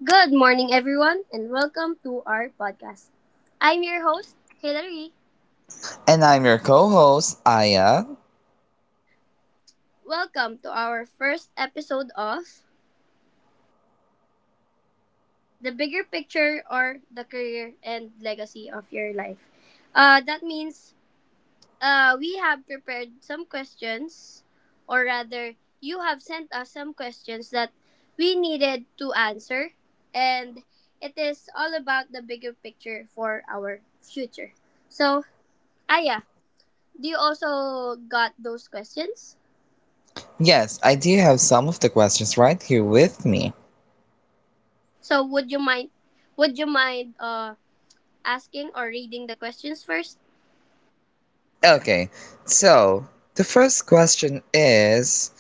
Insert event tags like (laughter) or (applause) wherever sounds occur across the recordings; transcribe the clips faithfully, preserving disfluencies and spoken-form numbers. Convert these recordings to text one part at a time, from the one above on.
Good morning, everyone, and welcome to our podcast. I'm your host, Hilary. And I'm your co host, Aya. Welcome to our first episode of The Bigger Picture or The Career and Legacy of Your Life. Uh, that means uh, we have prepared some questions, or rather, you have sent us some questions that we needed to answer, and it is all about the bigger picture for our future. So, Aya, do you also got those questions? Yes, I do have some of the questions right here with me. So would you mind would you mind uh asking or reading the questions first? Okay, so the first question is,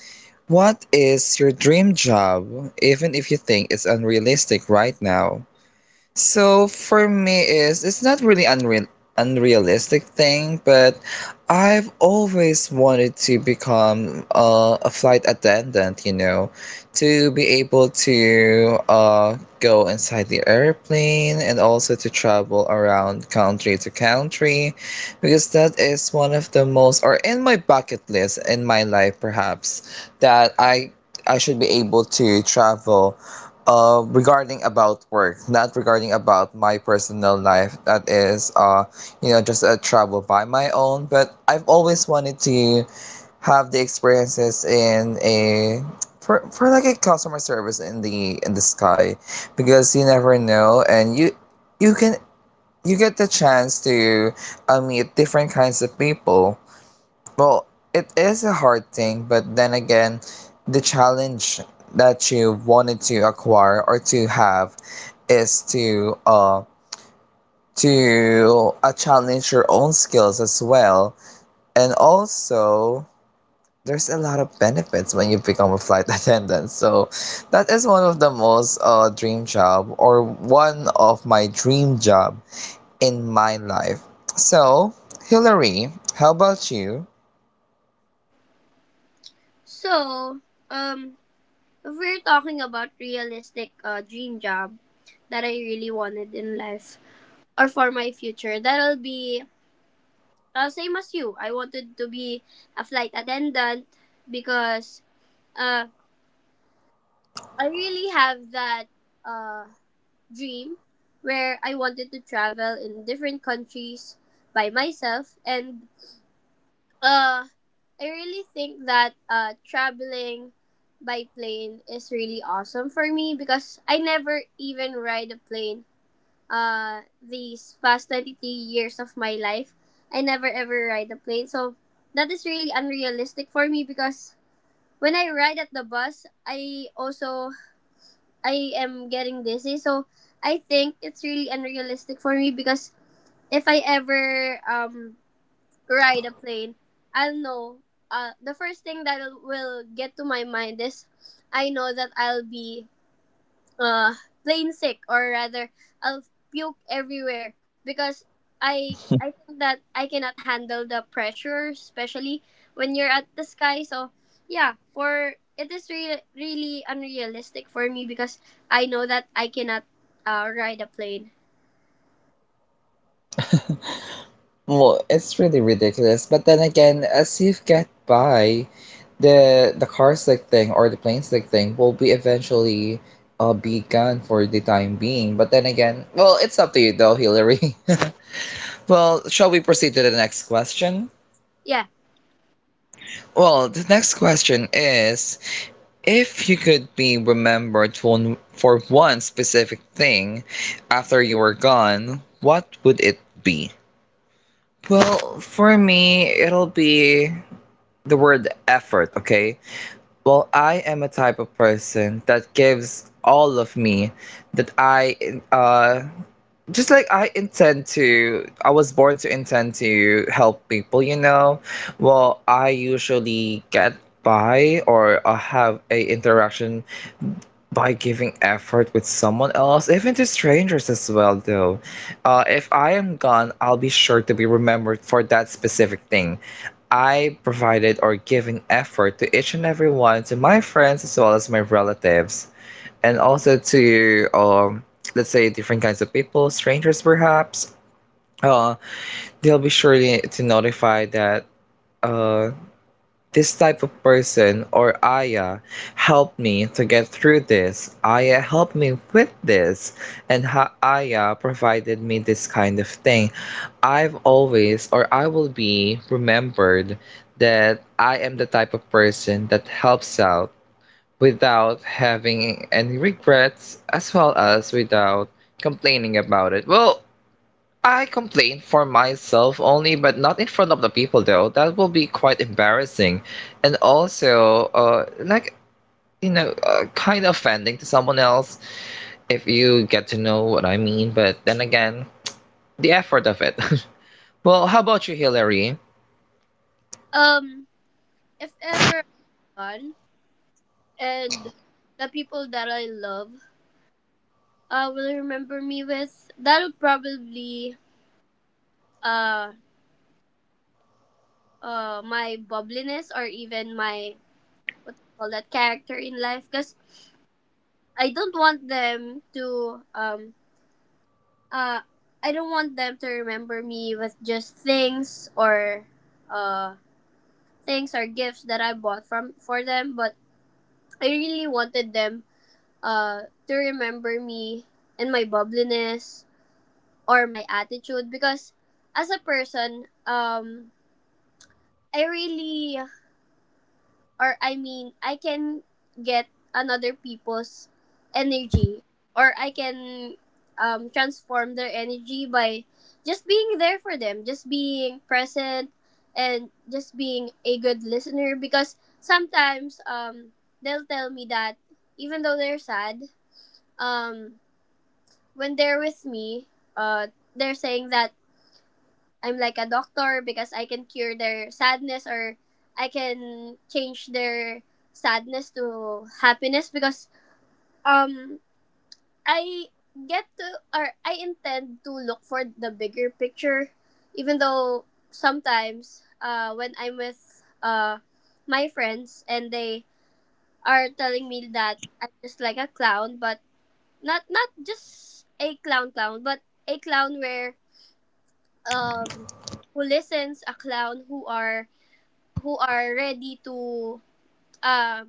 what is your dream job, even if you think it's unrealistic right now? So for me is it's not really unreal unrealistic thing, but I've always wanted to become uh, a flight attendant, you know, to be able to uh, go inside the airplane and also to travel around country to country, because that is one of the most or in my bucket list in my life perhaps, that I I should be able to travel uh, regarding about work, not regarding about my personal life. That is, uh, you know, just a travel by my own. But I've always wanted to have the experiences in a for, for like a customer service in the in the sky, because you never know, and you you can, you get the chance to uh, meet different kinds of people. Well, it is a hard thing, but then again, the challenge that you wanted to acquire or to have is to uh to uh, challenge your own skills as well. And also, there's a lot of benefits when you become a flight (laughs) attendant. So that is one of the most uh dream job, or one of my dream job in my life. So, Hillary, how about you? So, um if we're talking about realistic uh dream job that I really wanted in life or for my future, that'll be uh, same as you. I wanted to be a flight attendant because uh I really have that uh dream where I wanted to travel in different countries by myself, and uh I really think that uh traveling by plane is really awesome for me because I never even ride a plane uh these past twenty-three years of my life. I never ever ride a plane. So that is really unrealistic for me because when I ride at the bus, I also I am getting dizzy. So I think it's really unrealistic for me because if I ever um ride a plane, I'll know. Uh, the first thing that will get to my mind is I know that I'll be uh plain sick, or rather I'll puke everywhere because I I think that I cannot handle the pressure, especially when you're at the sky. So yeah, for it is really, really unrealistic for me because I know that I cannot uh, ride a plane. Well, it's really ridiculous. But then again, as you get by, the the car stick thing or the plane stick thing will be eventually uh, be gone for the time being. But then again, well, it's up to you though, Hillary. (laughs) Well, shall we proceed to the next question? yeah Well, the next question is, if you could be remembered for one, for one specific thing after you were gone, what would it be? Well, for me, it'll be the word effort, okay? Well, I am a type of person that gives all of me, that I uh just like I intend to, I was born to intend to help people, you know. Well, I usually get by, or uh, have a interaction by giving effort with someone else, even to strangers as well, though. Uh, if I am gone, I'll be sure to be remembered for that specific thing. I provided or given effort to each and every one, to my friends as well as my relatives, and also to, um, let's say, different kinds of people, strangers perhaps. Uh, they'll be sure to notify that uh, this type of person, or Aya helped me to get through this. Aya helped me with this. And ha- Aya provided me this kind of thing. I've always, or I will be remembered that I am the type of person that helps out without having any regrets, as well as without complaining about it. Well, I complain for myself only, but not in front of the people though. That will be quite embarrassing, and also uh, like, you know, uh, kind of offending to someone else, if you get to know what I mean. But then again, the effort of it. (laughs) Well, how about you, Hillary? um if ever I'm gone and the people that I love uh will remember me with, that'll probably uh uh my bubbliness or even my, what do you call that, character in life. Because I don't want them to um uh I don't want them to remember me with just things or uh things or gifts that I bought from for them, but I really wanted them uh to remember me and my bubbliness or my attitude. Because as a person, um I really, or I mean, I can get another people's energy, or I can um, transform their energy by just being there for them, just being present and just being a good listener. Because sometimes, um, they'll tell me that even though they're sad, um, when they're with me, uh, they're saying that I'm like a doctor because I can cure their sadness, or I can change their sadness to happiness. Because um I get to, or I intend to look for the bigger picture. Even though sometimes uh when I'm with uh my friends, and they are telling me that I'm just like a clown. But not not just a clown clown, but a clown where um who listens, a clown who are who are ready to uh,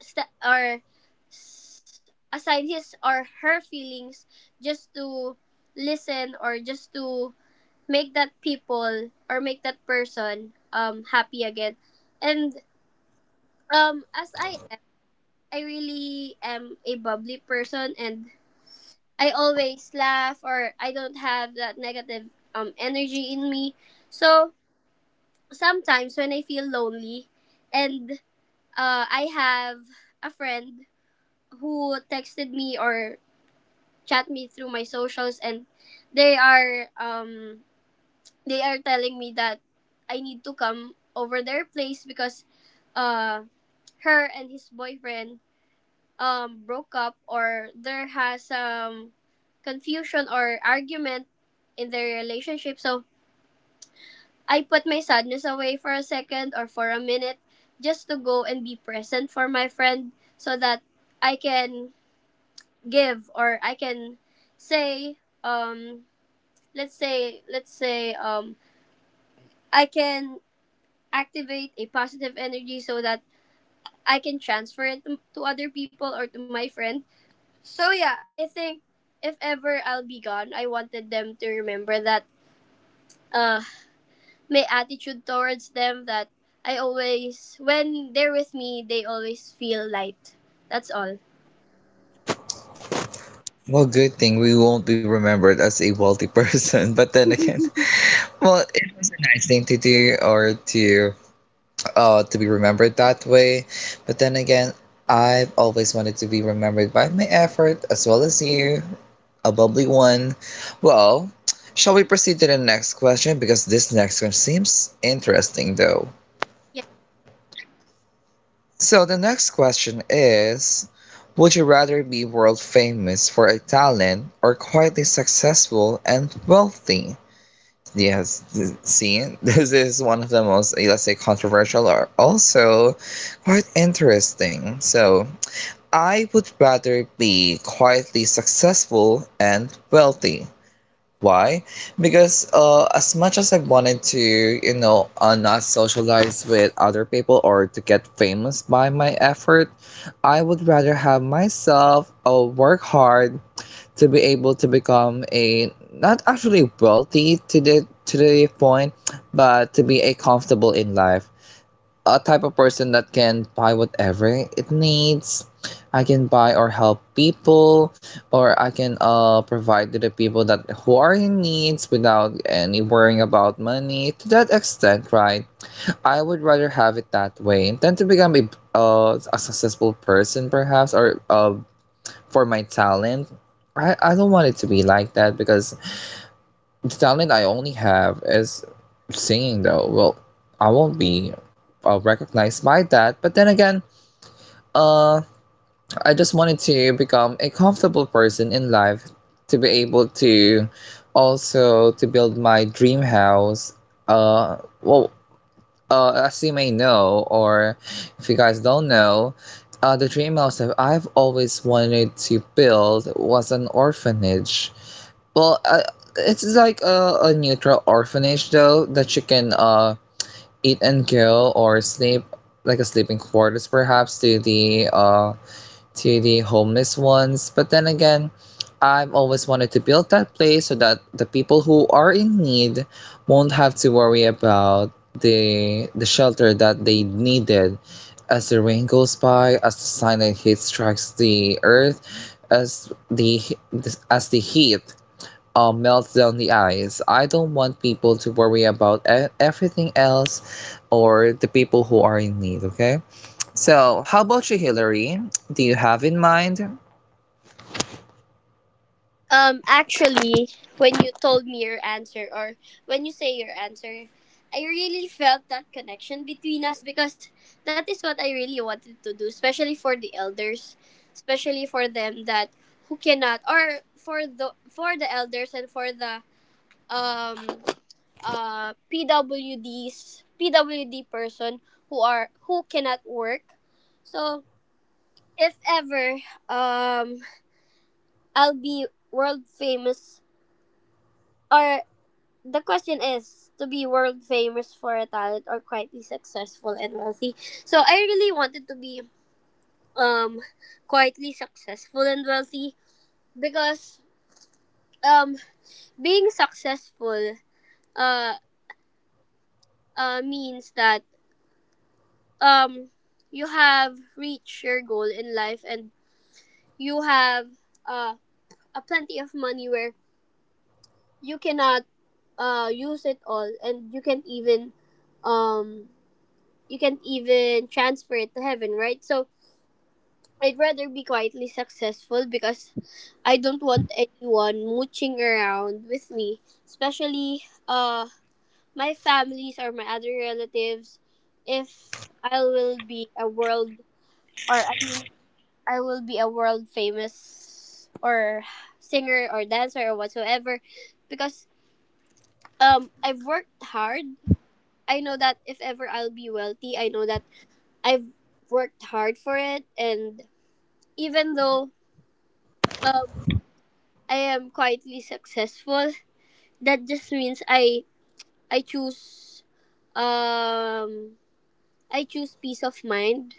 st- or s- aside his or her feelings just to listen, or just to make that people or make that person um happy again. And um as I am, I really am a bubbly person, and I always laugh, or I don't have that negative um energy in me. So sometimes when I feel lonely, and Uh, I have a friend who texted me or chat me through my socials, and they are um they are telling me that I need to come over their place because uh her and his boyfriend um broke up, or there has um confusion or argument in their relationship. So I put my sadness away for a second or for a minute, just to go and be present for my friend, so that I can give, or I can say, um let's say, let's say um I can activate a positive energy so that I can transfer it to to other people or to my friend. So yeah, I think if ever I'll be gone, I wanted them to remember that uh my attitude towards them, that I always, when they're with me, they always feel light. That's all. Well, good thing we won't be remembered as a wealthy person. (laughs) But then again, (laughs) well, it was a nice thing to do, or to uh, to be remembered that way. But then again, I've always wanted to be remembered by my effort, as well as you, a bubbly one. Well, shall we proceed to the next question? Because this next one seems interesting though. Yeah. So, the next question is, would you rather be world famous for a talent, or quietly successful and wealthy? Yes, th- see, (laughs) this is one of the most, eh, let's say, controversial, or also quite interesting. So, I would rather be quietly successful and wealthy. Why? Because uh, as much as I wanted to, you know, uh, not socialize with other people or to get famous by my effort, I would rather have myself uh, work hard to be able to become a, not actually wealthy to the to the point, but to be a comfortable in life. A type of person that can buy whatever it needs. I can buy or help people, or I can uh provide to the people that who are in needs, without any worrying about money. To that extent, right? I would rather have it that way, and tend to become a uh, a successful person, perhaps, or uh, for my talent. I, I don't want it to be like that, because the talent I only have is singing though. Well, I won't be uh, recognized by that. But then again, uh, I just wanted to become a comfortable person in life, to be able to also to build my dream house. Uh, well, uh, as you may know, or if you guys don't know, uh, the dream house that I've always wanted to build was an orphanage. Well, uh, it's like a, a neutral orphanage though, that you can uh eat and kill or sleep, like a sleeping quarters perhaps, to the uh to the homeless ones. But then again, I've always wanted to build that place, so that the people who are in need won't have to worry about the the shelter that they needed, as the rain goes by, as the sunlight heat strikes the earth, as the as the heat uh, melts down the eyes. I don't want people to worry about e- everything else, or the people who are in need, okay? So, how about you, Hillary? Do you have in mind? Um actually, when you told me your answer, or when you say your answer, I really felt that connection between us, because that is what I really wanted to do, especially for the elders, especially for them that who cannot, or for the for the elders and for the um uh, P W Ds, P W D person who are who cannot work. So if ever, um, I'll be world famous, or the question is to be world famous for a talent or quietly successful and wealthy. So I really wanted to be um quietly successful and wealthy, because um being successful uh uh means that um you have reached your goal in life, and you have uh, a plenty of money where you cannot uh use it all, and you can't even um you can't even transfer it to heaven, right? So I'd rather be quietly successful because I don't want anyone mooching around with me, especially uh my families or my other relatives. If I will be a world, or I mean, I will be a world famous or singer or dancer or whatsoever, because um I've worked hard. I know that if ever I'll be wealthy, I know that I've worked hard for it. And even though, um I am quietly successful, that just means I I choose um I choose peace of mind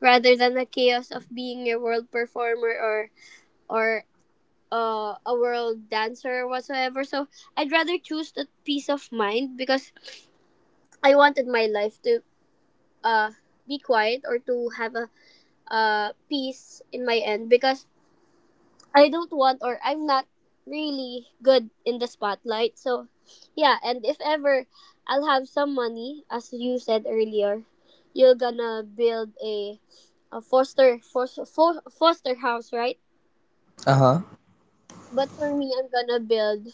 rather than the chaos of being a world performer or or uh, a world dancer or whatsoever. So I'd rather choose that peace of mind because I wanted my life to uh, be quiet, or to have a uh, peace in my end, because I don't want, or I'm not really good in the spotlight. So yeah, and if ever I'll have some money, as you said earlier, you're gonna build a a foster foster, foster house, right? Uh huh. But for me, I'm gonna build,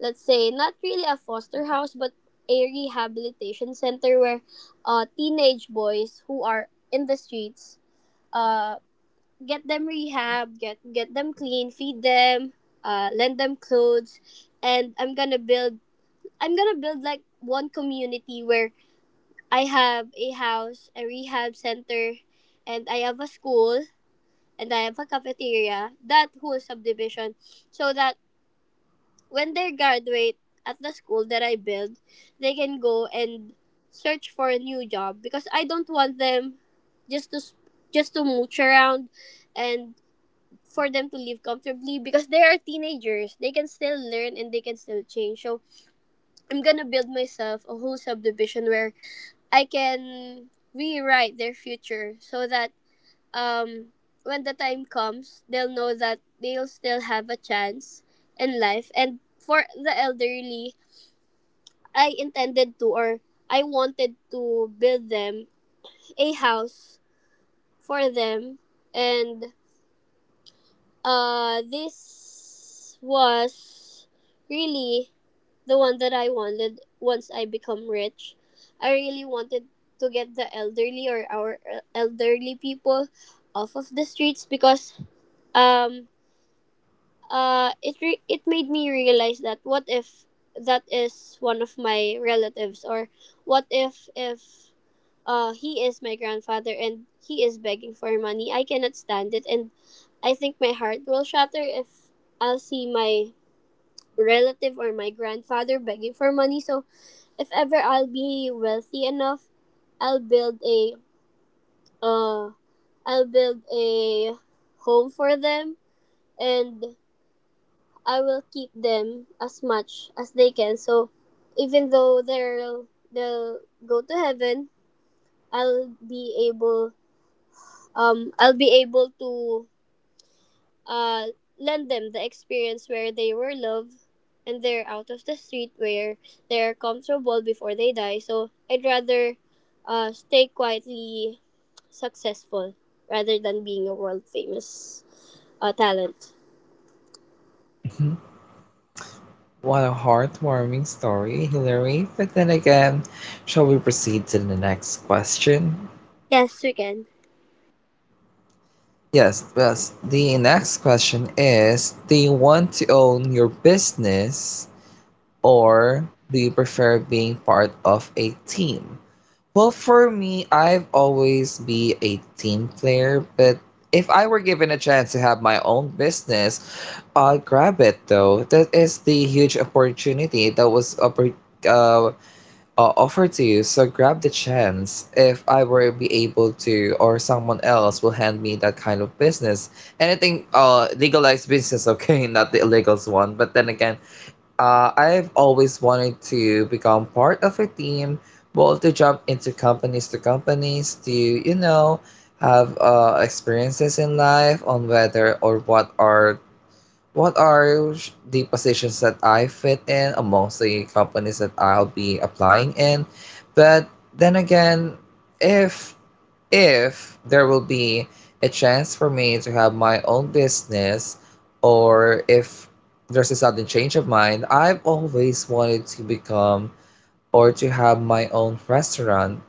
let's say, not really a foster house, but a rehabilitation center where uh, teenage boys who are in the streets, uh, get them rehab, get get them clean, feed them, uh, lend them clothes. And i'm gonna build i'm gonna build like one community where I have a house, a rehab center, and I have a school, and I have a cafeteria, that whole subdivision. So that when they graduate at the school that I build, they can go and search for a new job, because I don't want them just to s- just to mooch around, and for them to live comfortably, because they are teenagers. They can still learn and they can still change. So I'm gonna build myself a whole subdivision where I can rewrite their future, so that um when the time comes, they'll know that they'll still have a chance in life. And for the elderly, I intended to, or I wanted to build them a house, for them. And uh this was really the one that I wanted once I become rich. I really wanted to get the elderly, or our uh, elderly people off of the streets. Because um uh it re- it made me realize that, what if that is one of my relatives, or what if if Uh, he is my grandfather and he is begging for money. I cannot stand it, and I think my heart will shatter if I'll see my relative or my grandfather begging for money. So if ever I'll be wealthy enough, I'll build a uh I'll build a home for them, and I will keep them as much as they can. So even though they'll they'll go to heaven, I'll be able, um, I'll be able to uh, lend them the experience where they were loved, and they're out of the street where they're comfortable before they die. So I'd rather uh, stay quietly successful rather than being a world famous uh, talent. What a heartwarming story, Hillary. But then again, shall we proceed to the next question? Yes, we can. Yes, yes. The next question is, do you want to own your business, or do you prefer being part of a team? Well, for me, I've always be a team player, but if I were given a chance to have my own business, I'd grab it though. That is the huge opportunity that was oppor- uh, uh, offered to you. So grab the chance. If I were be able to, or someone else will hand me that kind of business, anything uh legalized business, okay, (laughs) not the illegals one. But then again, uh, I've always wanted to become part of a team, well, to jump into companies to companies, to, you know, have uh, experiences in life on whether or what are what are sh- the positions that I fit in amongst the companies that I'll be applying in. But then again, if if there will be a chance for me to have my own business, or if there's a sudden change of mind, I've always wanted to become, or to have my own restaurant.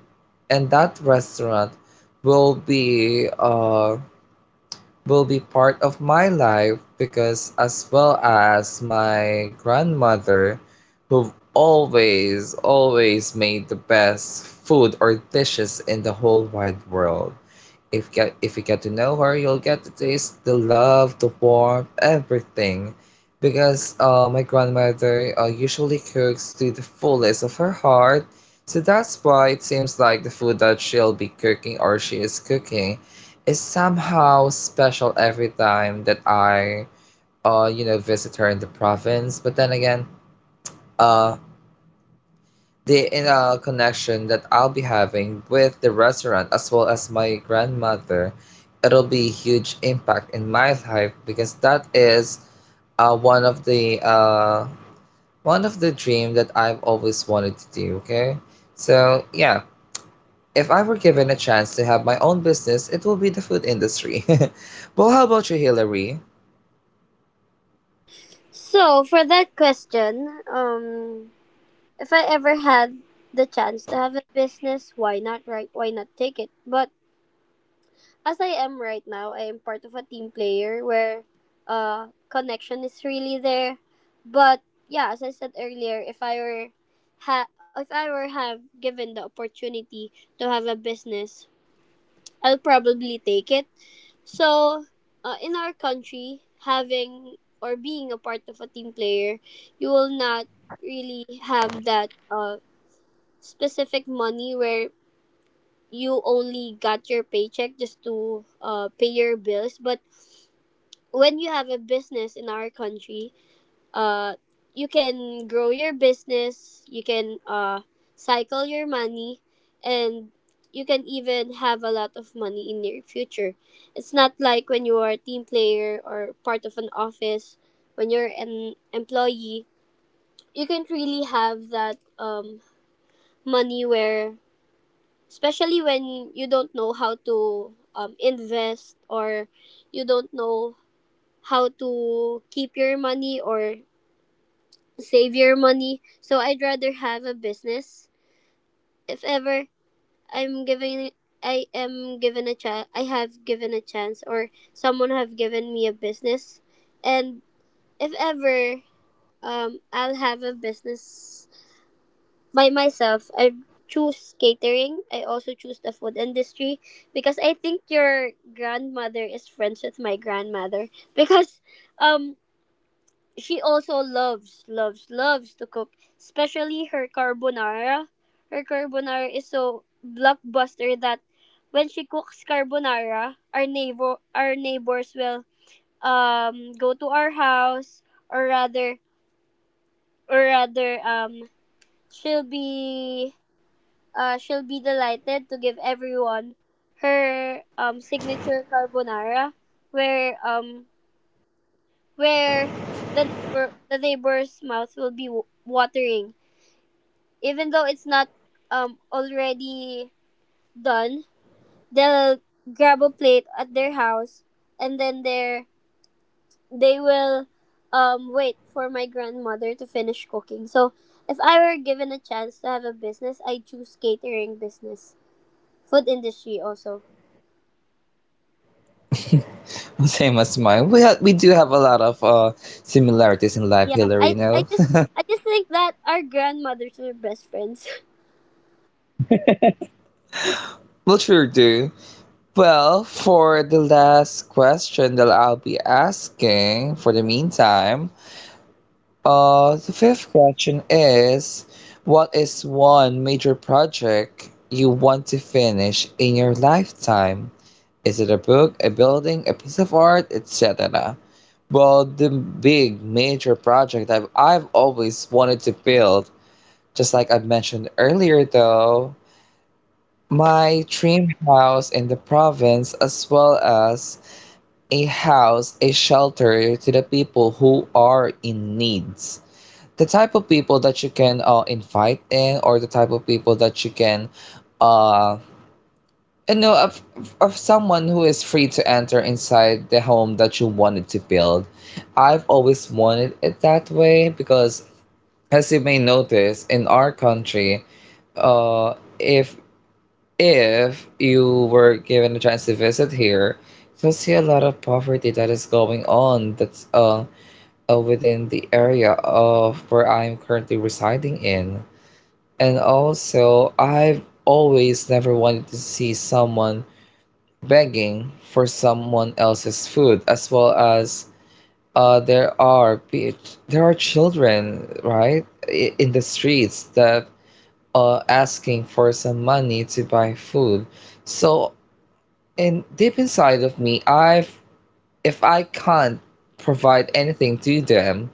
And that restaurant will be uh will be part of my life, because as well as my grandmother, who always always made the best food or dishes in the whole wide world. If get if you get to know her, you'll get to taste the love, the warmth, everything. Because uh, my grandmother uh, usually cooks to the fullest of her heart, so that's why it seems like the food that she'll be cooking, or she is cooking, is somehow special every time that I uh you know visit her in the province. But then again, uh the uh, connection that I'll be having with the restaurant, as well as my grandmother, it'll be huge impact in my life, because that is uh, one of the uh, one of the dream that I've always wanted to do. Okay, so yeah, if I were given a chance to have my own business, it will be the food industry. (laughs) Well, how about you, Hillary? So for that question, um, if I ever had the chance to have a business, why not? Right? Why not take it? But as I am right now, I am part of a team player where uh connection is really there. But yeah, as I said earlier, if I were ha- if I were have given the opportunity to have a business, I'll probably take it. So, uh, in our country, having or being a part of a team player, you will not really have that uh specific money where you only got your paycheck just to uh, pay your bills. But when you have a business in our country, uh, you can grow your business, you can uh, cycle your money, and you can even have a lot of money in your future. It's not like when you are a team player or part of an office, when you're an employee, you can't really have that um, money where, especially when you don't know how to um, invest, or you don't know how to keep your money, or save your money. So I'd rather have a business. If ever I'm giving I am given a chance I have given a chance or someone have given me a business and if ever um I'll have a business by myself, I choose catering. I also choose the food industry because I think your grandmother is friends with my grandmother (laughs) because um she also loves, loves, loves to cook, especially her carbonara. Her carbonara is so blockbuster that when she cooks carbonara, our neighbor, our neighbors will um go to our house, or rather, or rather, um, she'll be, uh, she'll be delighted to give everyone her um signature carbonara, where um where the neighbor the neighbor's mouth will be w- watering even though it's not um already done. They'll grab a plate at their house, and then they they will um wait for my grandmother to finish cooking. So if I were given a chance to have a business, I choose catering business, food industry also. (laughs) Same as mine. We ha- we do have a lot of uh, similarities in life, Yeah, i Hillary. i No, just i just think that our grandmothers were best friends. (laughs) (laughs) we sure do. Well, for the last question that I'll be asking, for the meantime, uh, the fifth question is, what is one major project you want to finish in your lifetime? Is it a book, a building, a piece of art, et cetera? Well, the big major project I've I've always wanted to build, just like I mentioned earlier, though, my dream house in the province, as well as a house, a shelter to the people who are in needs. The type of people that you can uh, invite in, or the type of people that you can, uh, you know, of, of someone who is free to enter inside the home that you wanted to build. I've always wanted it that way because, as you may notice, in our country, uh, if if you were given a chance to visit here, you'll see a lot of poverty that is going on, that's uh, uh within the area of where I'm currently residing in. And also, I've always never wanted to see someone begging for someone else's food, as well as uh there are pe- there are children, right, i- in the streets that uh asking for some money to buy food. So, and deep inside of me, I've if I can't provide anything to them,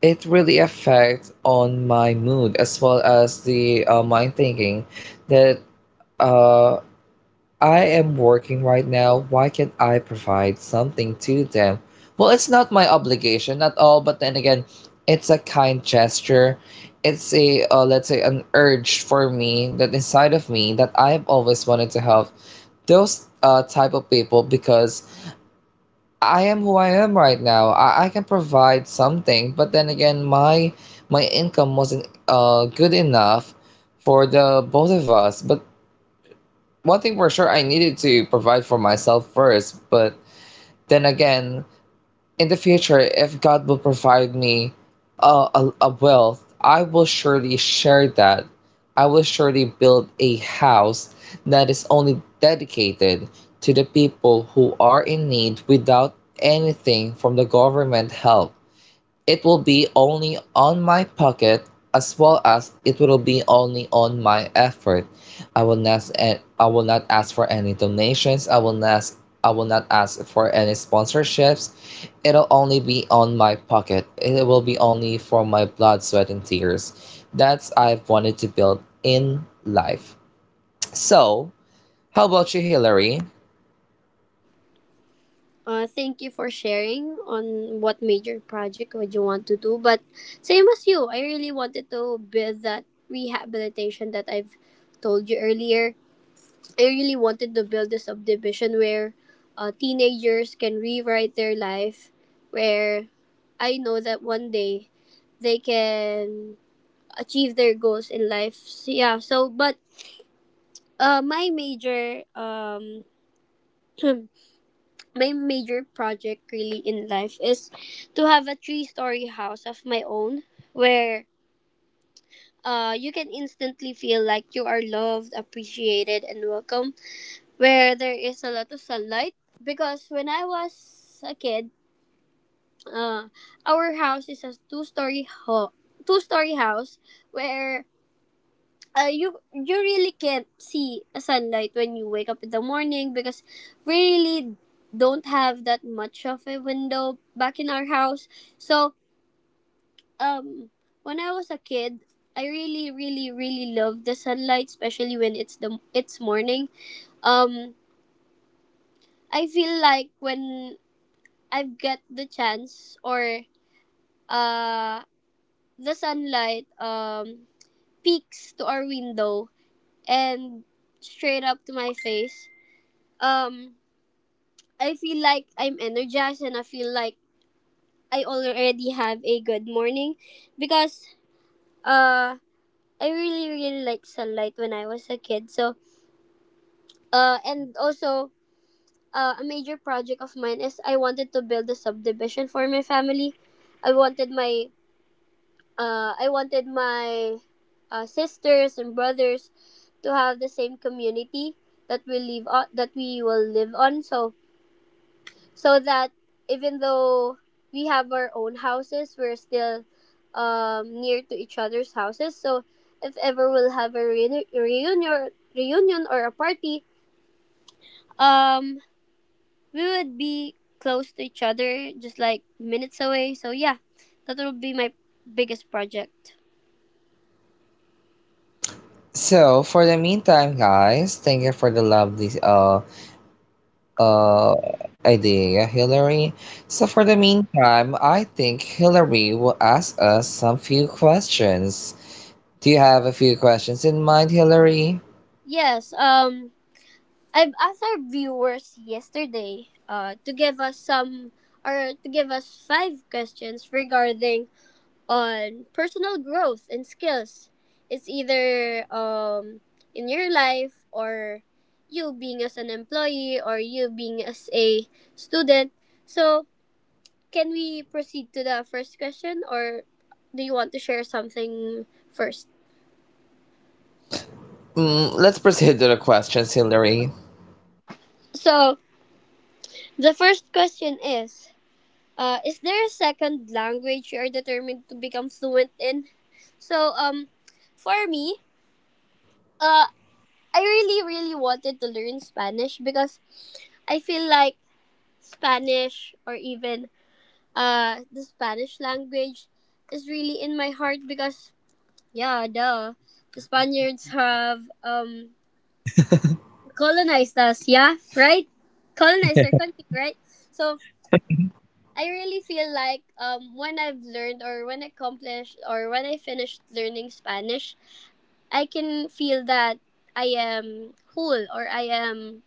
it really affects on my mood as well as the uh, mind thinking that uh, I am working right now. Why can't I provide something to them? Well, it's not my obligation at all, but then again, it's a kind gesture. It's a uh, let's say an urge for me that inside of me that I've always wanted to help those uh, type of people because I am who I am right now. I, I can provide something, but then again, my my income wasn't uh good enough for the both of us. But one thing for sure, I needed to provide for myself first. But then again, in the future, if God will provide me a, a, a wealth, I will surely share that. I will surely build a house that is only dedicated to the people who are in need without anything from the government help. It will be only on my pocket, as well as it will be only on my effort. I will not I will not ask for any donations. I will not I will not ask for any sponsorships. It'll only be on my pocket. It will be only for my blood, sweat and tears. That's I've wanted to build in life. So, how about you, Hillary? Uh, thank you for sharing on what major project would you want to do. But same as you, I really wanted to build that rehabilitation that I've told you earlier. I really wanted to build a subdivision where uh, teenagers can rewrite their life, where I know that one day they can achieve their goals in life. So, yeah, so, but uh, my major um, (clears throat) my major project really in life is to have a three story house of my own where uh, you can instantly feel like you are loved, appreciated, and welcome, where there is a lot of sunlight. Because when I was a kid, uh, our house is a two story ho- two story house where uh, you you really can't see a sunlight when you wake up in the morning because we really don't have that much of a window back in our house. So um, when I was a kid, I really really really love the sunlight, especially when it's the it's morning. Um, I feel like when I get the chance or uh the sunlight um peeks to our window and straight up to my face. Um, I feel like I'm energized and I feel like I already have a good morning because uh I really really like sunlight when I was a kid. So uh and also uh, a major project of mine is I wanted to build a subdivision for my family. I wanted my uh I wanted my uh, sisters and brothers to have the same community that we live on that we will live on. So so that even though we have our own houses, we're still um, near to each other's houses. So if ever we'll have a reuni- reunion, reunion or a party, um, we would be close to each other, just like minutes away. So yeah, that will be my biggest project. So, for the meantime, guys, thank you for the lovely uh uh, idea, Hillary. So, for the meantime, I think Hillary will ask us some few questions. Do you have a few questions in mind, Hillary? Yes. Um, I've asked our viewers yesterday uh, to give us some or to give us five questions regarding on personal growth and skills. It's either um, in your life or you being as an employee or you being as a student. So, can we proceed to the first question or do you want to share something first? Mm, let's proceed to the questions, Hillary. So, the first question is uh, is there a second language you are determined to become fluent in? So, um, for me, uh, I really, really wanted to learn Spanish because I feel like Spanish or even uh the Spanish language is really in my heart because yeah, duh. The Spaniards have um colonized us, yeah, right? Colonized our country, right? So I really feel like um when I've learned or when I accomplished or when I finished learning Spanish, I can feel that I am whole or I am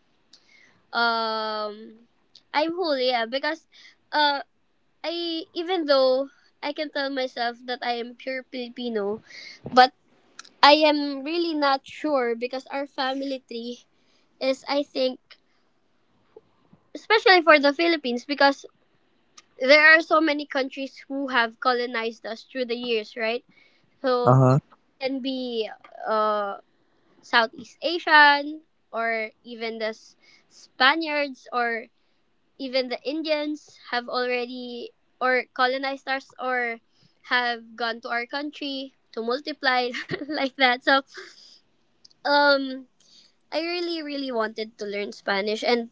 um I'm whole, yeah, because uh I even though I can tell myself that I am pure Filipino, but I am really not sure because our family tree is I think especially for the Philippines because there are so many countries who have colonized us through the years, right? So Uh huh. it can be uh Southeast Asian or even the S- Spaniards or even the Indians have already or colonized us or have gone to our country to multiply (laughs) like that. So um I really really wanted to learn Spanish, and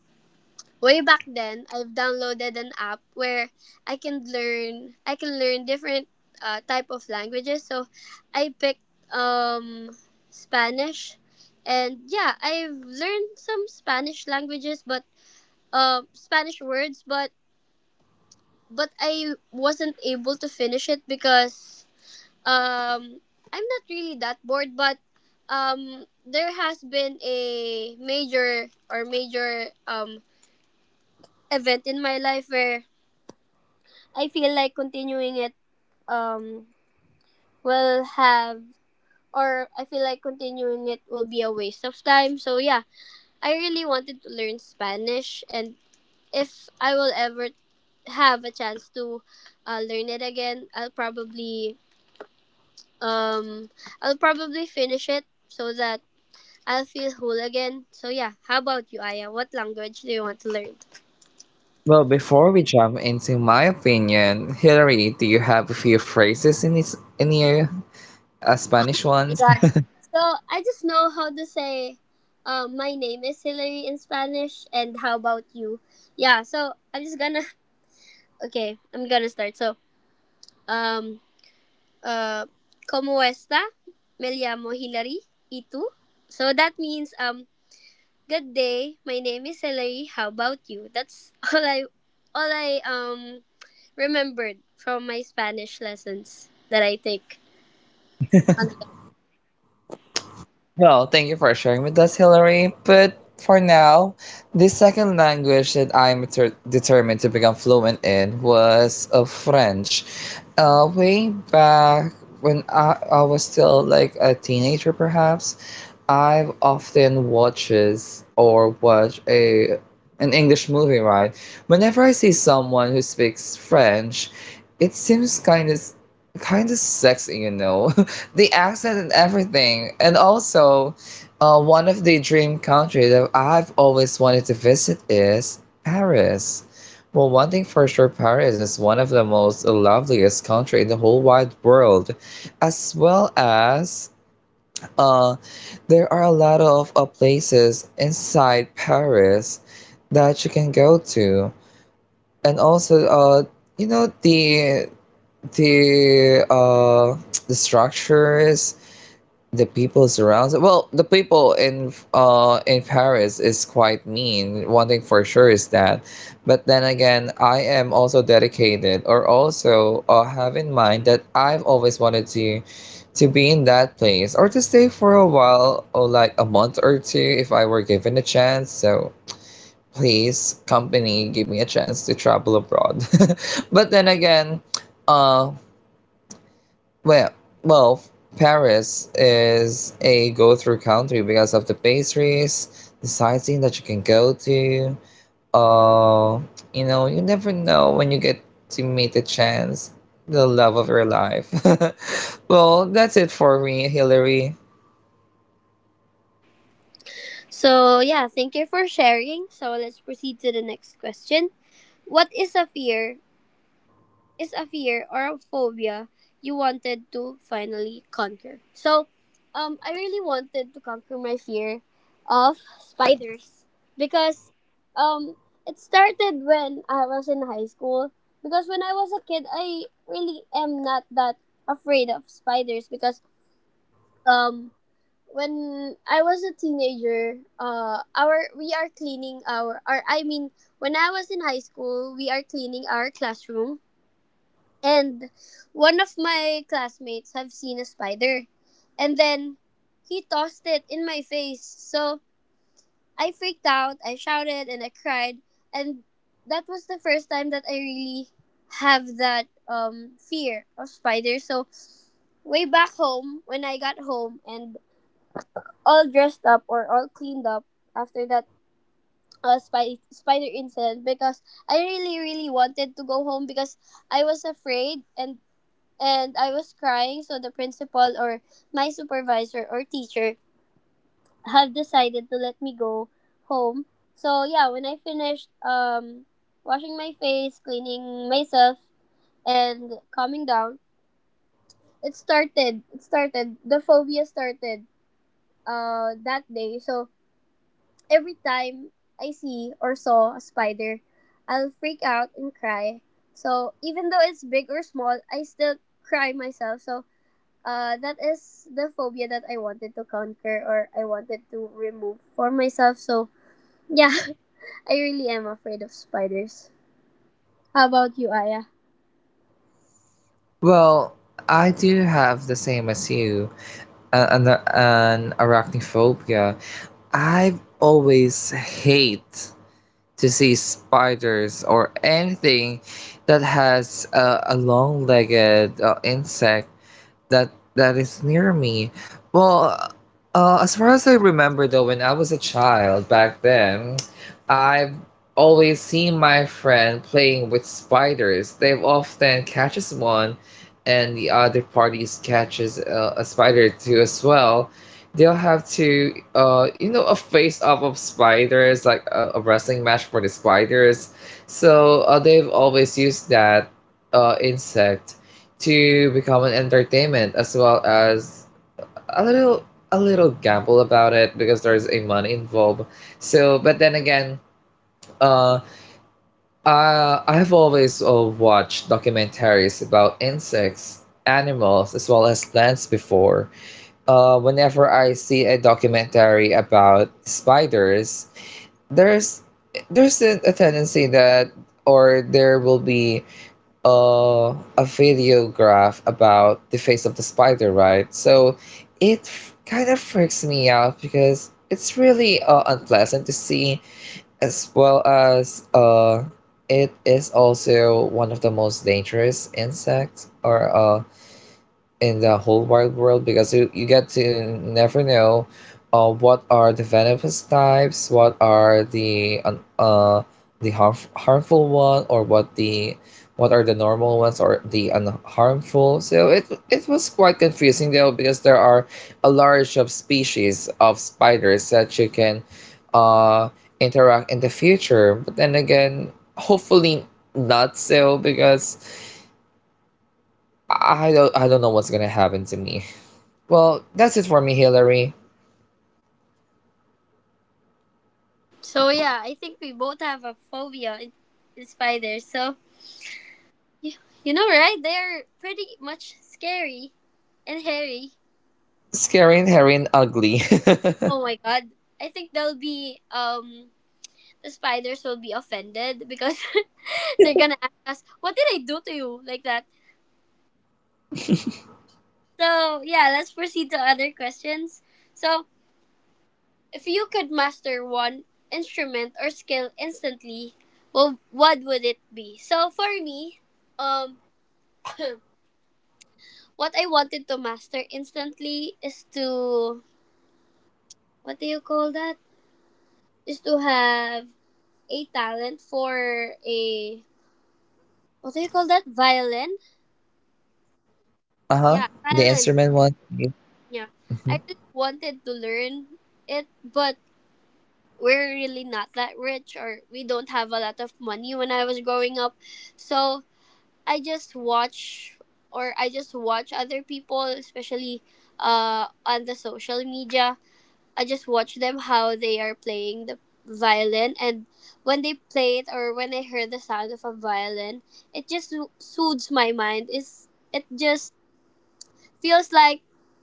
way back then I've downloaded an app where I can learn I can learn different uh, type of languages. So I picked um Spanish, and yeah, I've learned some Spanish languages but um Spanish words, but but I wasn't able to finish it because um I'm not really that bored, but um there has been a major or major um event in my life where I feel like continuing it um will have or I feel like continuing it will be a waste of time. So yeah, I really wanted to learn Spanish, and if I will ever have a chance to uh, learn it again, I'll probably Um, I'll probably finish it so that I'll feel whole again. So yeah, how about you, Aya? What language do you want to learn? Well, before we jump into my opinion, Hillary, do you have a few phrases in this, in your uh, Spanish My ones? God. So I just know how to say, um, my name is Hillary in Spanish, and how about you? Yeah. So I'm just gonna. (laughs) Okay, I'm gonna start. So, um, uh, como esta? Me llamo Hillary. ¿Y tú? So that means um, good day. My name is Hillary. How about you? That's (laughs) all I, all I um remembered from my Spanish lessons that I take. Well, thank you for sharing with us, Hillary. But for now, the second language that I'm deter- determined to become fluent in was, uh, French. Uh, way back when I, I was still like a teenager, perhaps, I've often watches or watch a an English movie, right? Whenever I see someone who speaks French, it seems kind of kind of sexy, you know, (laughs) the accent and everything. And also, uh, one of the dream countries that I've always wanted to visit is Paris. Well, one thing for sure, Paris is one of the most loveliest country in the whole wide world, as well as uh there are a lot of uh, places inside Paris that you can go to, and also, uh, you know, the the uh, (tsk) the structures, the people surrounds well, the people in uh in Paris is quite mean. One thing for sure is that, but then again, I am also dedicated or also, uh, have in mind that I've always wanted to to be in that place or to stay for a while or like a month or two if I were given a chance. So please, company, give me a chance to travel abroad. (laughs) But then again, uh well, well, Paris is a go-through country because of the pastries, the sightseeing that you can go to. Uh, you know, you never know when you get to meet a chance, the love of your life. (laughs) Well, that's it for me, Hillary. So, yeah, thank you for sharing. So, let's proceed to the next question. What is a fear? Is a fear or a phobia you wanted to finally conquer? So, um, I really wanted to conquer my fear of spiders because um, it started when I was in high school. Because when I was a kid, I really am not that afraid of spiders because um when I was a teenager, uh, our we are cleaning our, or I mean, when I was in high school, we are cleaning our classroom, and one of my classmates have seen a spider, and then he tossed it in my face. So I freaked out, I shouted, and I cried, and that was the first time that I really have that um fear of spiders. So way back home, when I got home and all dressed up or all cleaned up after that uh, spy- spider incident because I really really wanted to go home because I was afraid, and and I was crying, so the principal or my supervisor or teacher have decided to let me go home. So yeah, when I finished um washing my face, cleaning myself and calming down, it started. It started. The phobia started uh that day. So every time I see or saw a spider, I'll freak out and cry. So even though it's big or small, I still cry myself. So uh, that is the phobia that I wanted to conquer or I wanted to remove for myself. So yeah, (laughs) I really am afraid of spiders. How about you, Aya? Well, I do have the same as you, a- an, an arachnophobia. I've always hate to see spiders or anything that has a, a long legged uh, insect that that is near me. Well, uh, as far as I remember, though, when I was a child back then, I've always seen my friend playing with spiders. They've often catches one, and the other parties catches uh, a spider too as well. They'll have to, uh, you know, a face off of spiders, like a, a wrestling match for the spiders. So, uh, they've always used that uh, insect to become an entertainment, as well as a little a little gamble about it because there's a money involved. So, but then again, uh, uh, I've always uh, watched documentaries about insects, animals, as well as plants before. Uh, whenever I see a documentary about spiders, there's there's a, a tendency that, or there will be, uh, a videograph about the face of the spider, right? So it f- kind of freaks me out because it's really uh, unpleasant to see, as well as, uh, it is also one of the most dangerous insects or, uh, in the whole wide world, because you, you get to never know, uh, what are the venomous types, what are the un- uh, the harmf- harmful one, or what the what are the normal ones or the unharmful. So it it was quite confusing though because there are a large of species of spiders that you can, uh, interact in the future. But then again, hopefully not so because I don't I don't know what's gonna happen to me. (laughs) Well, that's it for me, Hillary. So yeah, I think we both have a phobia in, in spiders. So you, you know, right? They're pretty much scary and hairy. Scary and hairy and ugly. (laughs) Oh my god. I think they'll be um the spiders will be offended because (laughs) they're gonna ask us, "What did I do to you?" like that. So yeah, let's proceed to other questions. So if you could master one instrument or skill instantly, well what would it be? So for me, um (clears throat) what I wanted to master instantly is to what do you call that? Is to have a talent for a what do you call that? Violin? Uh huh. The Yeah, instrument Thailand. one. You- Yeah. Mhm. I really wanted to learn it, but we're really not that rich or we don't have a lot of money when I was growing up. So I just watch or I just watch other people, especially uh on the social media. I just watch them how they are playing the violin, and when they play it or when I hear the sound of a violin, it just so- soothes my mind. Is it just feels like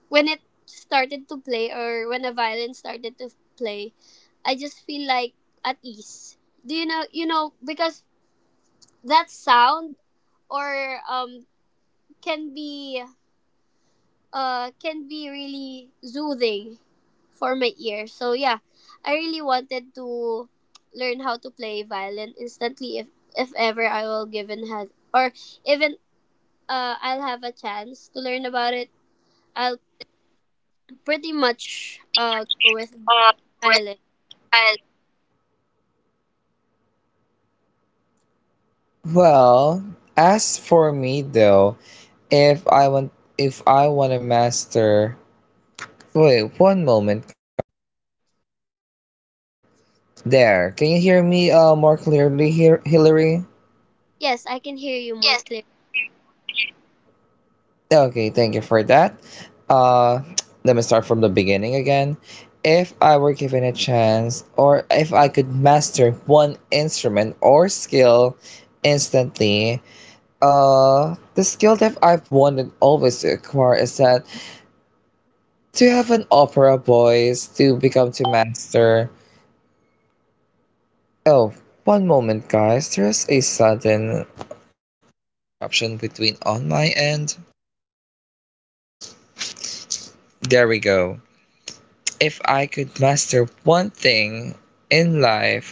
when it started to play or when a violin started to play, I just feel like at ease. Do you know you know because that sound or um can be uh can be really soothing for my ear. So yeah, I really wanted to learn how to play violin instantly if if ever I will given had or even uh I'll have a chance to learn about it. I'll pretty much uh go with Uh, Violet. with well, Well, as for me though, if I want if I want to master, wait, one moment. There. Can you hear me uh more clearly here, Hillary? Yes, I can hear you more clearly. Okay, thank you for that. Uh, Let me start from the beginning again. If I were given a chance, or if I could master one instrument or skill instantly, uh, the skill that I've wanted always to acquire is that to have an opera voice, to become to master. Oh, one moment, guys. There's a sudden interruption between on my end. There we go. If I could master one thing in life,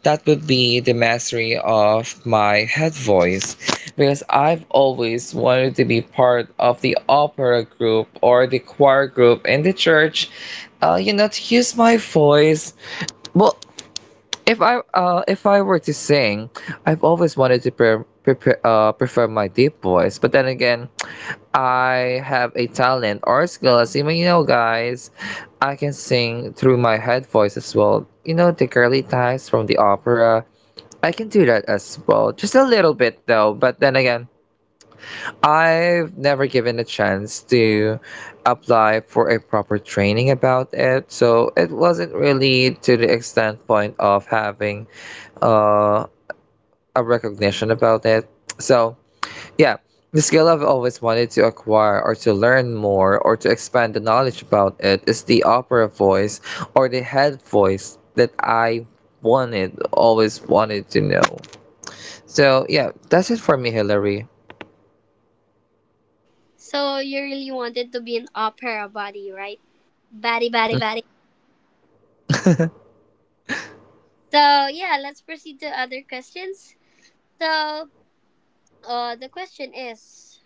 that would be the mastery of my head voice because I've always wanted to be part of the opera group or the choir group in the church. Uh, you know, to use my voice. Well, if I uh, if I were to sing, I've always wanted to pre- pre uh, prefer my deep voice. But then again, I have a talent or skill, as you may know, guys. I can sing through my head voice as well. You know, the girly times from the opera, I can do that as well. Just a little bit though, but then again, I've never given a chance to apply for a proper training about it. So it wasn't really to the extent point of having, uh, a recognition about it. So yeah, the skill I've always wanted to acquire or to learn more or to expand the knowledge about it is the opera voice or the head voice that I wanted, always wanted to know. So, yeah, that's it for me, Hillary. So you really wanted to be an opera body, right? Batty, batty, batty. So yeah, let's proceed to other questions. So uh, the question is,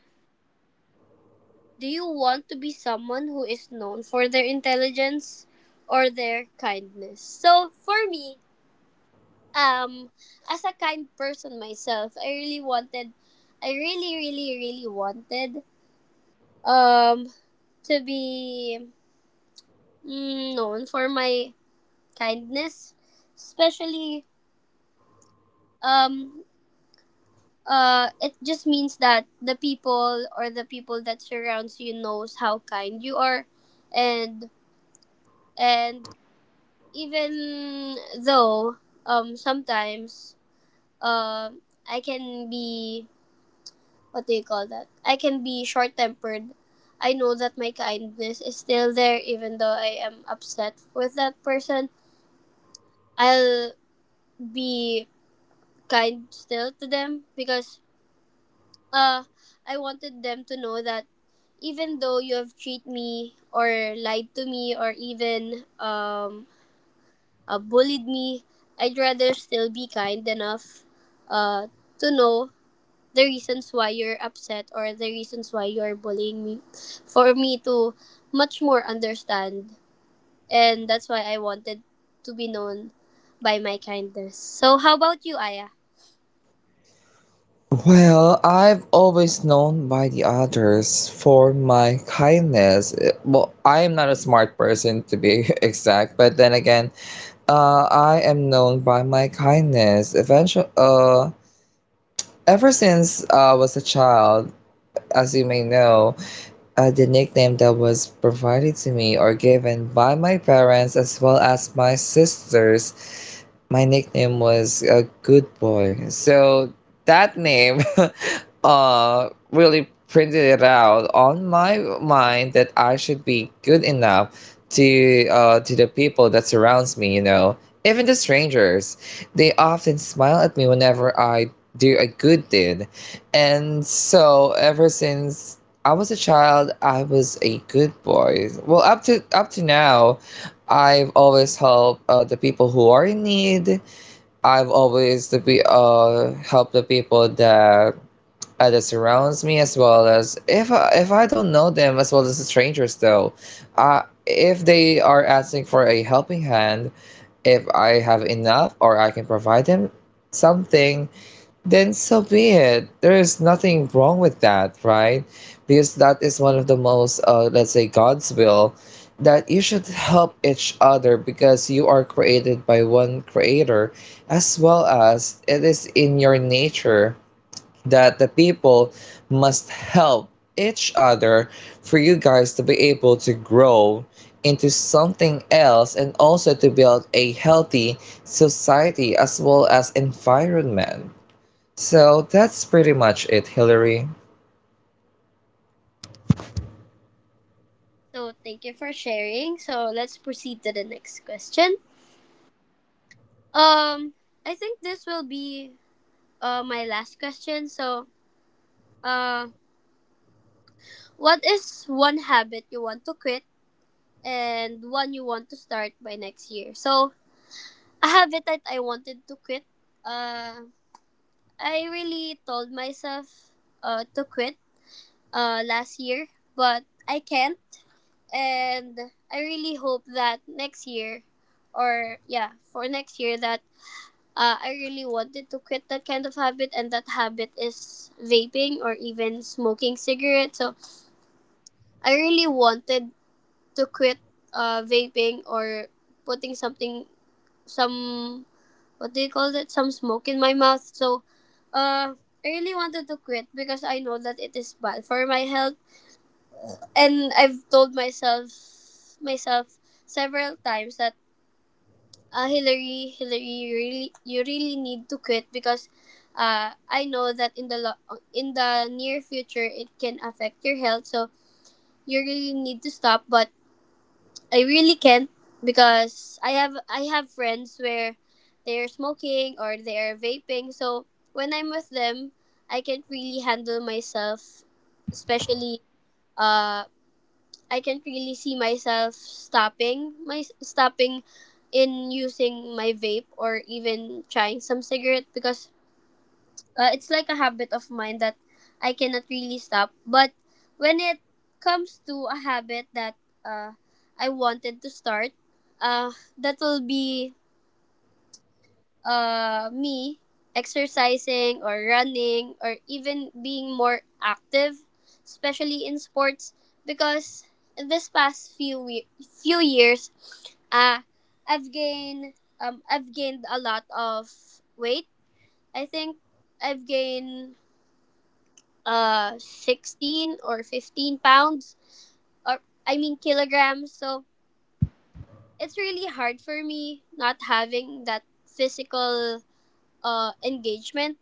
do you want to be someone who is known for their intelligence or their kindness? So for me, um, as a kind person myself, I really wanted, I really, really, really wanted um to be mm, known for my kindness, especially. um uh it just means that the people or the people that surrounds you knows how kind you are. And and even though, um sometimes, um I can be, what do you call that, I can be short tempered. I know that my kindness is still there even though I am upset with that person. I'll be kind still to them because uh, I wanted them to know that even though you have treated me or lied to me or even um, uh, bullied me, I'd rather still be kind enough uh, to know the reasons why you're upset or the reasons why you're bullying me, for me to much more understand. And that's why I wanted to be known by my kindness. So, how about you, Aya? Well, I've always known by the others for my kindness. Eh, Well, I am not a smart person to be (laughs) exact, but then again, uh, I am known by my kindness. Eventually, uh, ever since I was a child, as you may know, uh, the nickname that was provided to me or given by my parents as well as my sisters, my nickname was a good boy. So that name (laughs) uh really printed it out on my mind that I should be good enough to uh to the people that surrounds me, you know. Even the strangers, they often smile at me whenever I do a good deed. And so ever since I was a child, I was a good boy. Well, up to up to now, I've always helped, uh, the people who are in need. I've always to be, uh, help the people that uh, that surrounds me, as well as if I, if I don't know them, as well as the strangers though. Uh, if they are asking for a helping hand, if I have enough or I can provide them something, then so be it. There is nothing wrong with that, right? Because that is one of the most, uh, let's say, God's will that you should help each other because you are created by one creator, as well as it is in your nature that the people must help each other for you guys to be able to grow into something else, and also to build a healthy society as well as environment. So that's pretty much it, Hillary. So, thank you for sharing. So, let's proceed to the next question. Um, I think this will be uh my last question. So, uh, what is one habit you want to quit and one you want to start by next year? So, a habit that I wanted to quit. Uh, I really told myself uh to quit uh last year, but I can't, and I really hope that next year, or yeah, for next year that uh, I really wanted to quit that kind of habit, and that habit is vaping or even smoking cigarettes. So I really wanted to quit uh, vaping or putting something, some, what do you call it, some smoke in my mouth. So uh, I really wanted to quit because I know that it is bad for my health. And I've told myself, myself several times that, uh, Hillary, Hillary, you really, you really need to quit because uh, I know that in the lo- in the near future it can affect your health. So you really need to stop. But I really can't because I have I have friends where they're smoking or they are vaping. So when I'm with them, I can't really handle myself, especially uh, I can't really see myself stopping my stopping in using my vape or even trying some cigarette because uh, it's like a habit of mine that I cannot really stop. But when it comes to a habit that uh, I wanted to start, uh, that will be uh, me exercising or running or even being more active, especially in sports, because in this past few we- few years, uh, I've gained, um, I've gained a lot of weight. I think I've gained uh sixteen or fifteen pounds, or I mean kilograms. So it's really hard for me not having that physical uh engagement,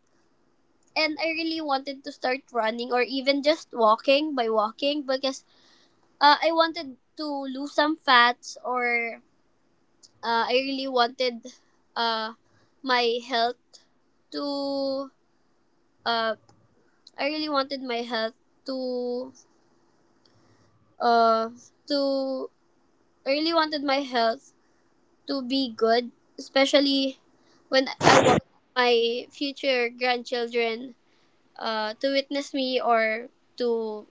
and I really wanted to start running or even just walking, by walking, because uh, I wanted to lose some fats. Or uh, I really wanted uh, my health to uh, I really wanted my health to uh, to I really wanted my health to be good, especially when I want my future grandchildren uh, to witness me, or to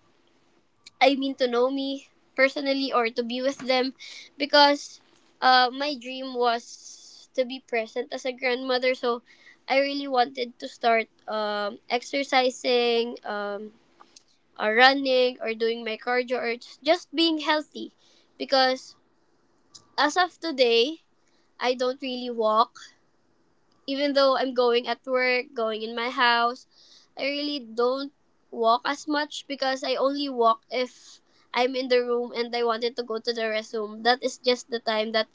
I mean to know me personally or to be with them, because uh, my dream was to be present as a grandmother. So I really wanted to start um, exercising, um, or running or doing my cardio or just being healthy, because as of today I don't really walk. Even though I'm going at work, going in my house, I really don't walk as much, because I only walk if I'm in the room and I wanted to go to the restroom. That is just the time that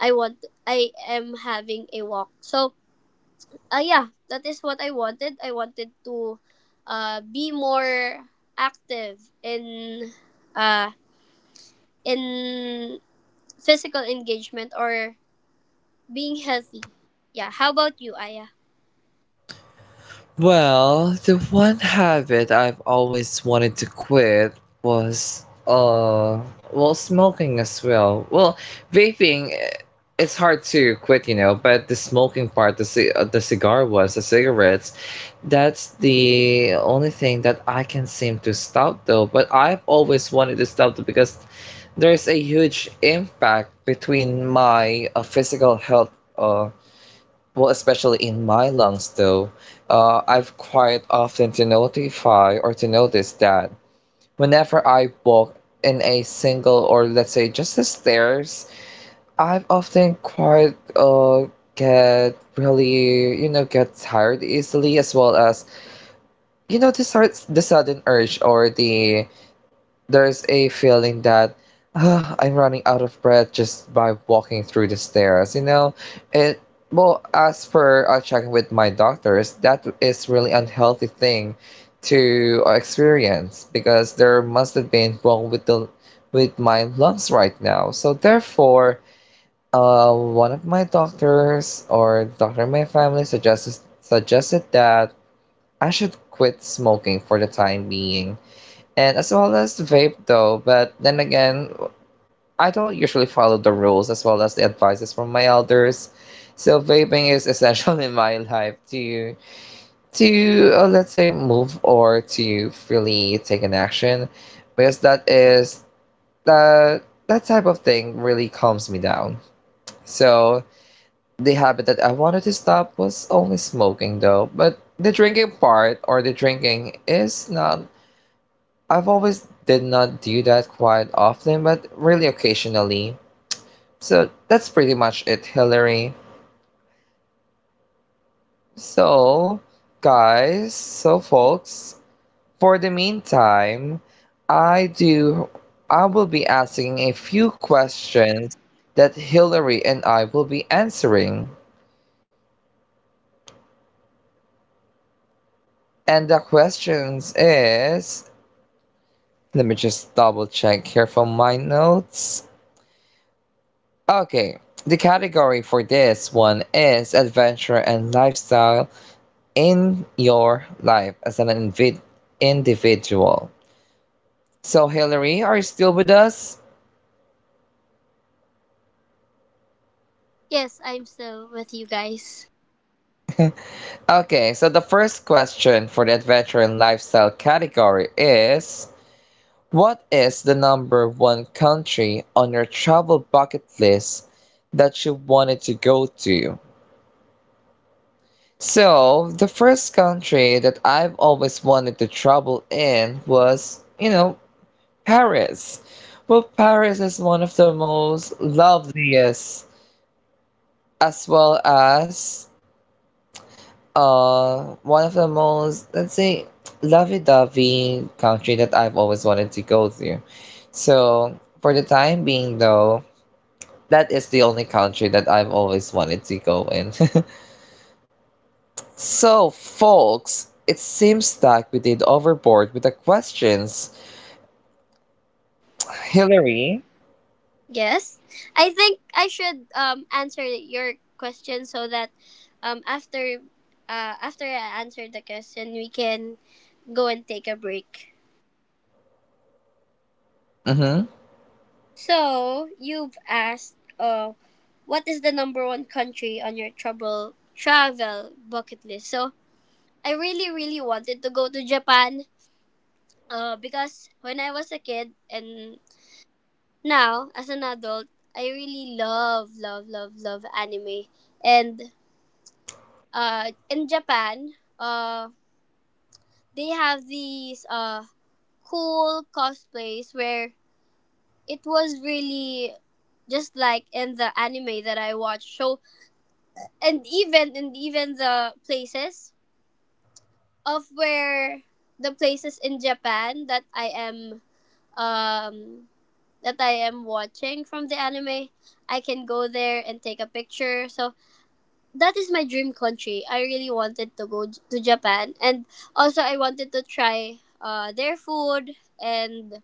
I want I am having a walk. So, uh, yeah, that is what I wanted. I wanted to uh, be more active in uh, in physical engagement or being healthy. Yeah, how about you, Aya? Well, the one habit I've always wanted to quit was, uh well, smoking as well. Well, vaping, eh, it's hard to quit, you know, but the smoking part, the ci- uh, the cigar was the cigarettes, that's the only thing that I can seem to stop though. But I've always wanted to stop it because there's a huge impact between my, uh, physical health. uh Well, especially in my lungs, though, uh, I've quite often to notify or to notice that whenever I walk in a single, or let's say, just the stairs, I've often quite, uh, get really, you know, get tired easily, as well as, you know, the, sort- the sudden urge, or the there's a feeling that, "Ah, I'm running out of breath just by walking through the stairs, you know?" It, well, as per uh, checking with my doctors, that is really unhealthy thing to, uh, experience because there must have been wrong with the with my lungs right now. So therefore, uh, one of my doctors, or doctor in my family, suggested suggested that I should quit smoking for the time being, and as well as vape though. But then again, I don't usually follow the rules as well as the advices from my elders, so vaping is (laughs) essential in my life to to uh, let's say move, or to freely take an action, because that is that that type of thing really calms me down. So the habit that I wanted to stop was only smoking though, but the drinking part, or the drinking, is not. I've always did not do that quite often, but really occasionally. So that's pretty much it, Hillary. So, guys, so folks, for the meantime, I do I will be asking a few questions that Hillary and I will be answering. And the questions is, let me just double check here from my notes. Okay, the category for this one is adventure and lifestyle in your life as an invi- individual. So, Hillary, are you still with us? Yes, I'm still with you guys. Okay, so the first question for the adventure and lifestyle category is, what is the number one country on your travel bucket list that you wanted to go to? So, the first country that I've always wanted to travel in was, you know, Paris. Well, Paris is one of the most loveliest, as well as, uh, one of the most, let's say, lovey-dovey country that I've always wanted to go to. So, for the time being, though, that is the only country that I've always wanted to go in. (laughs) So, folks, it seems like we did overboard with the questions. Hillary. Yes. I think I should um answer your question, so that um after uh after I answer the question we can go and take a break. Hmm. So, you've asked uh what is the number one country on your trouble travel bucket list? So, I really really wanted to go to Japan uh because when I was a kid and now as an adult, I really love love love love anime. And uh in Japan, uh they have these uh cool cosplays where it was really just like in the anime that I watched. So and even and even the places of where the places in Japan that i am um that I am watching from the anime, I can go there and take a picture. So that is my dream country. I really wanted to go j- to Japan, and also I wanted to try uh, their food, and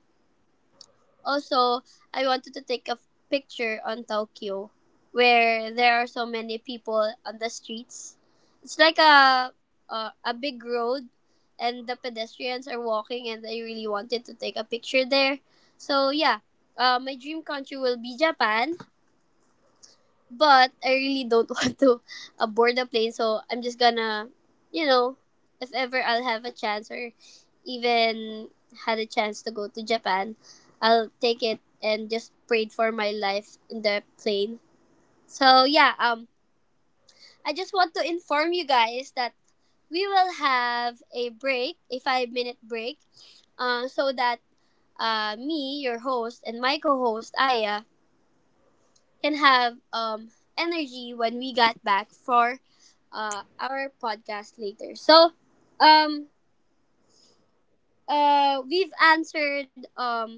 also I wanted to take a f- picture on Tokyo, where there are so many people on the streets. It's like a a, a big road, and the pedestrians are walking, and I really wanted to take a picture there. So yeah, uh, my dream country will be Japan, but I really don't (laughs) want to board the plane, so I'm just gonna, you know, if ever I'll have a chance, or even had a chance, to go to Japan, I'll take it and just prayed for my life in the plane. So yeah, um, I just want to inform you guys that we will have a break, a five minute break, uh, so that uh, me, your host, and my co host, Aya, can have um, energy when we got back for uh, our podcast later. So, um, uh, we've answered um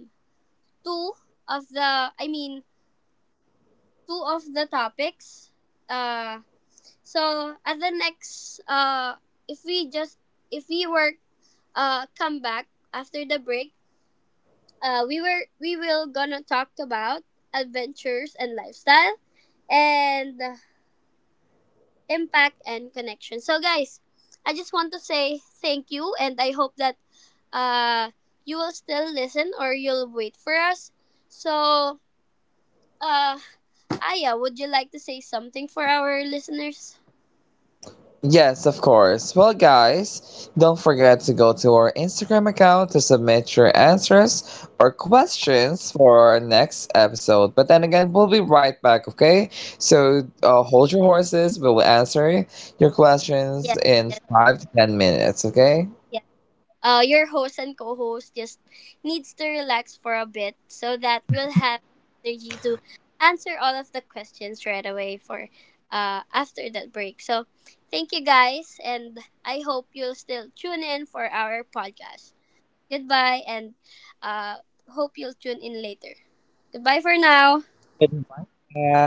two of the, I mean, two of the topics. Uh, so at the next, uh, if we just if we were uh come back after the break, uh, we were we will gonna talk about adventures and lifestyle and impact, and connection. So, guys, I just want to say thank you, and I hope that uh, you will still listen or you'll wait for us. So, uh, Aya, would you like to say something for our listeners? Yes, of course. Well, guys, don't forget to go to our Instagram account to submit your answers or questions for our next episode. But then again, we'll be right back, okay? So, uh, hold your horses. We will answer your questions Yes, in yes, yes. five to ten minutes, okay? Uh, your host and co-host just needs to relax for a bit so that we'll have energy to answer all of the questions right away for uh, after that break. So thank you guys, and I hope you'll still tune in for our podcast. Goodbye, and uh, hope you'll tune in later. Goodbye for now. Goodbye.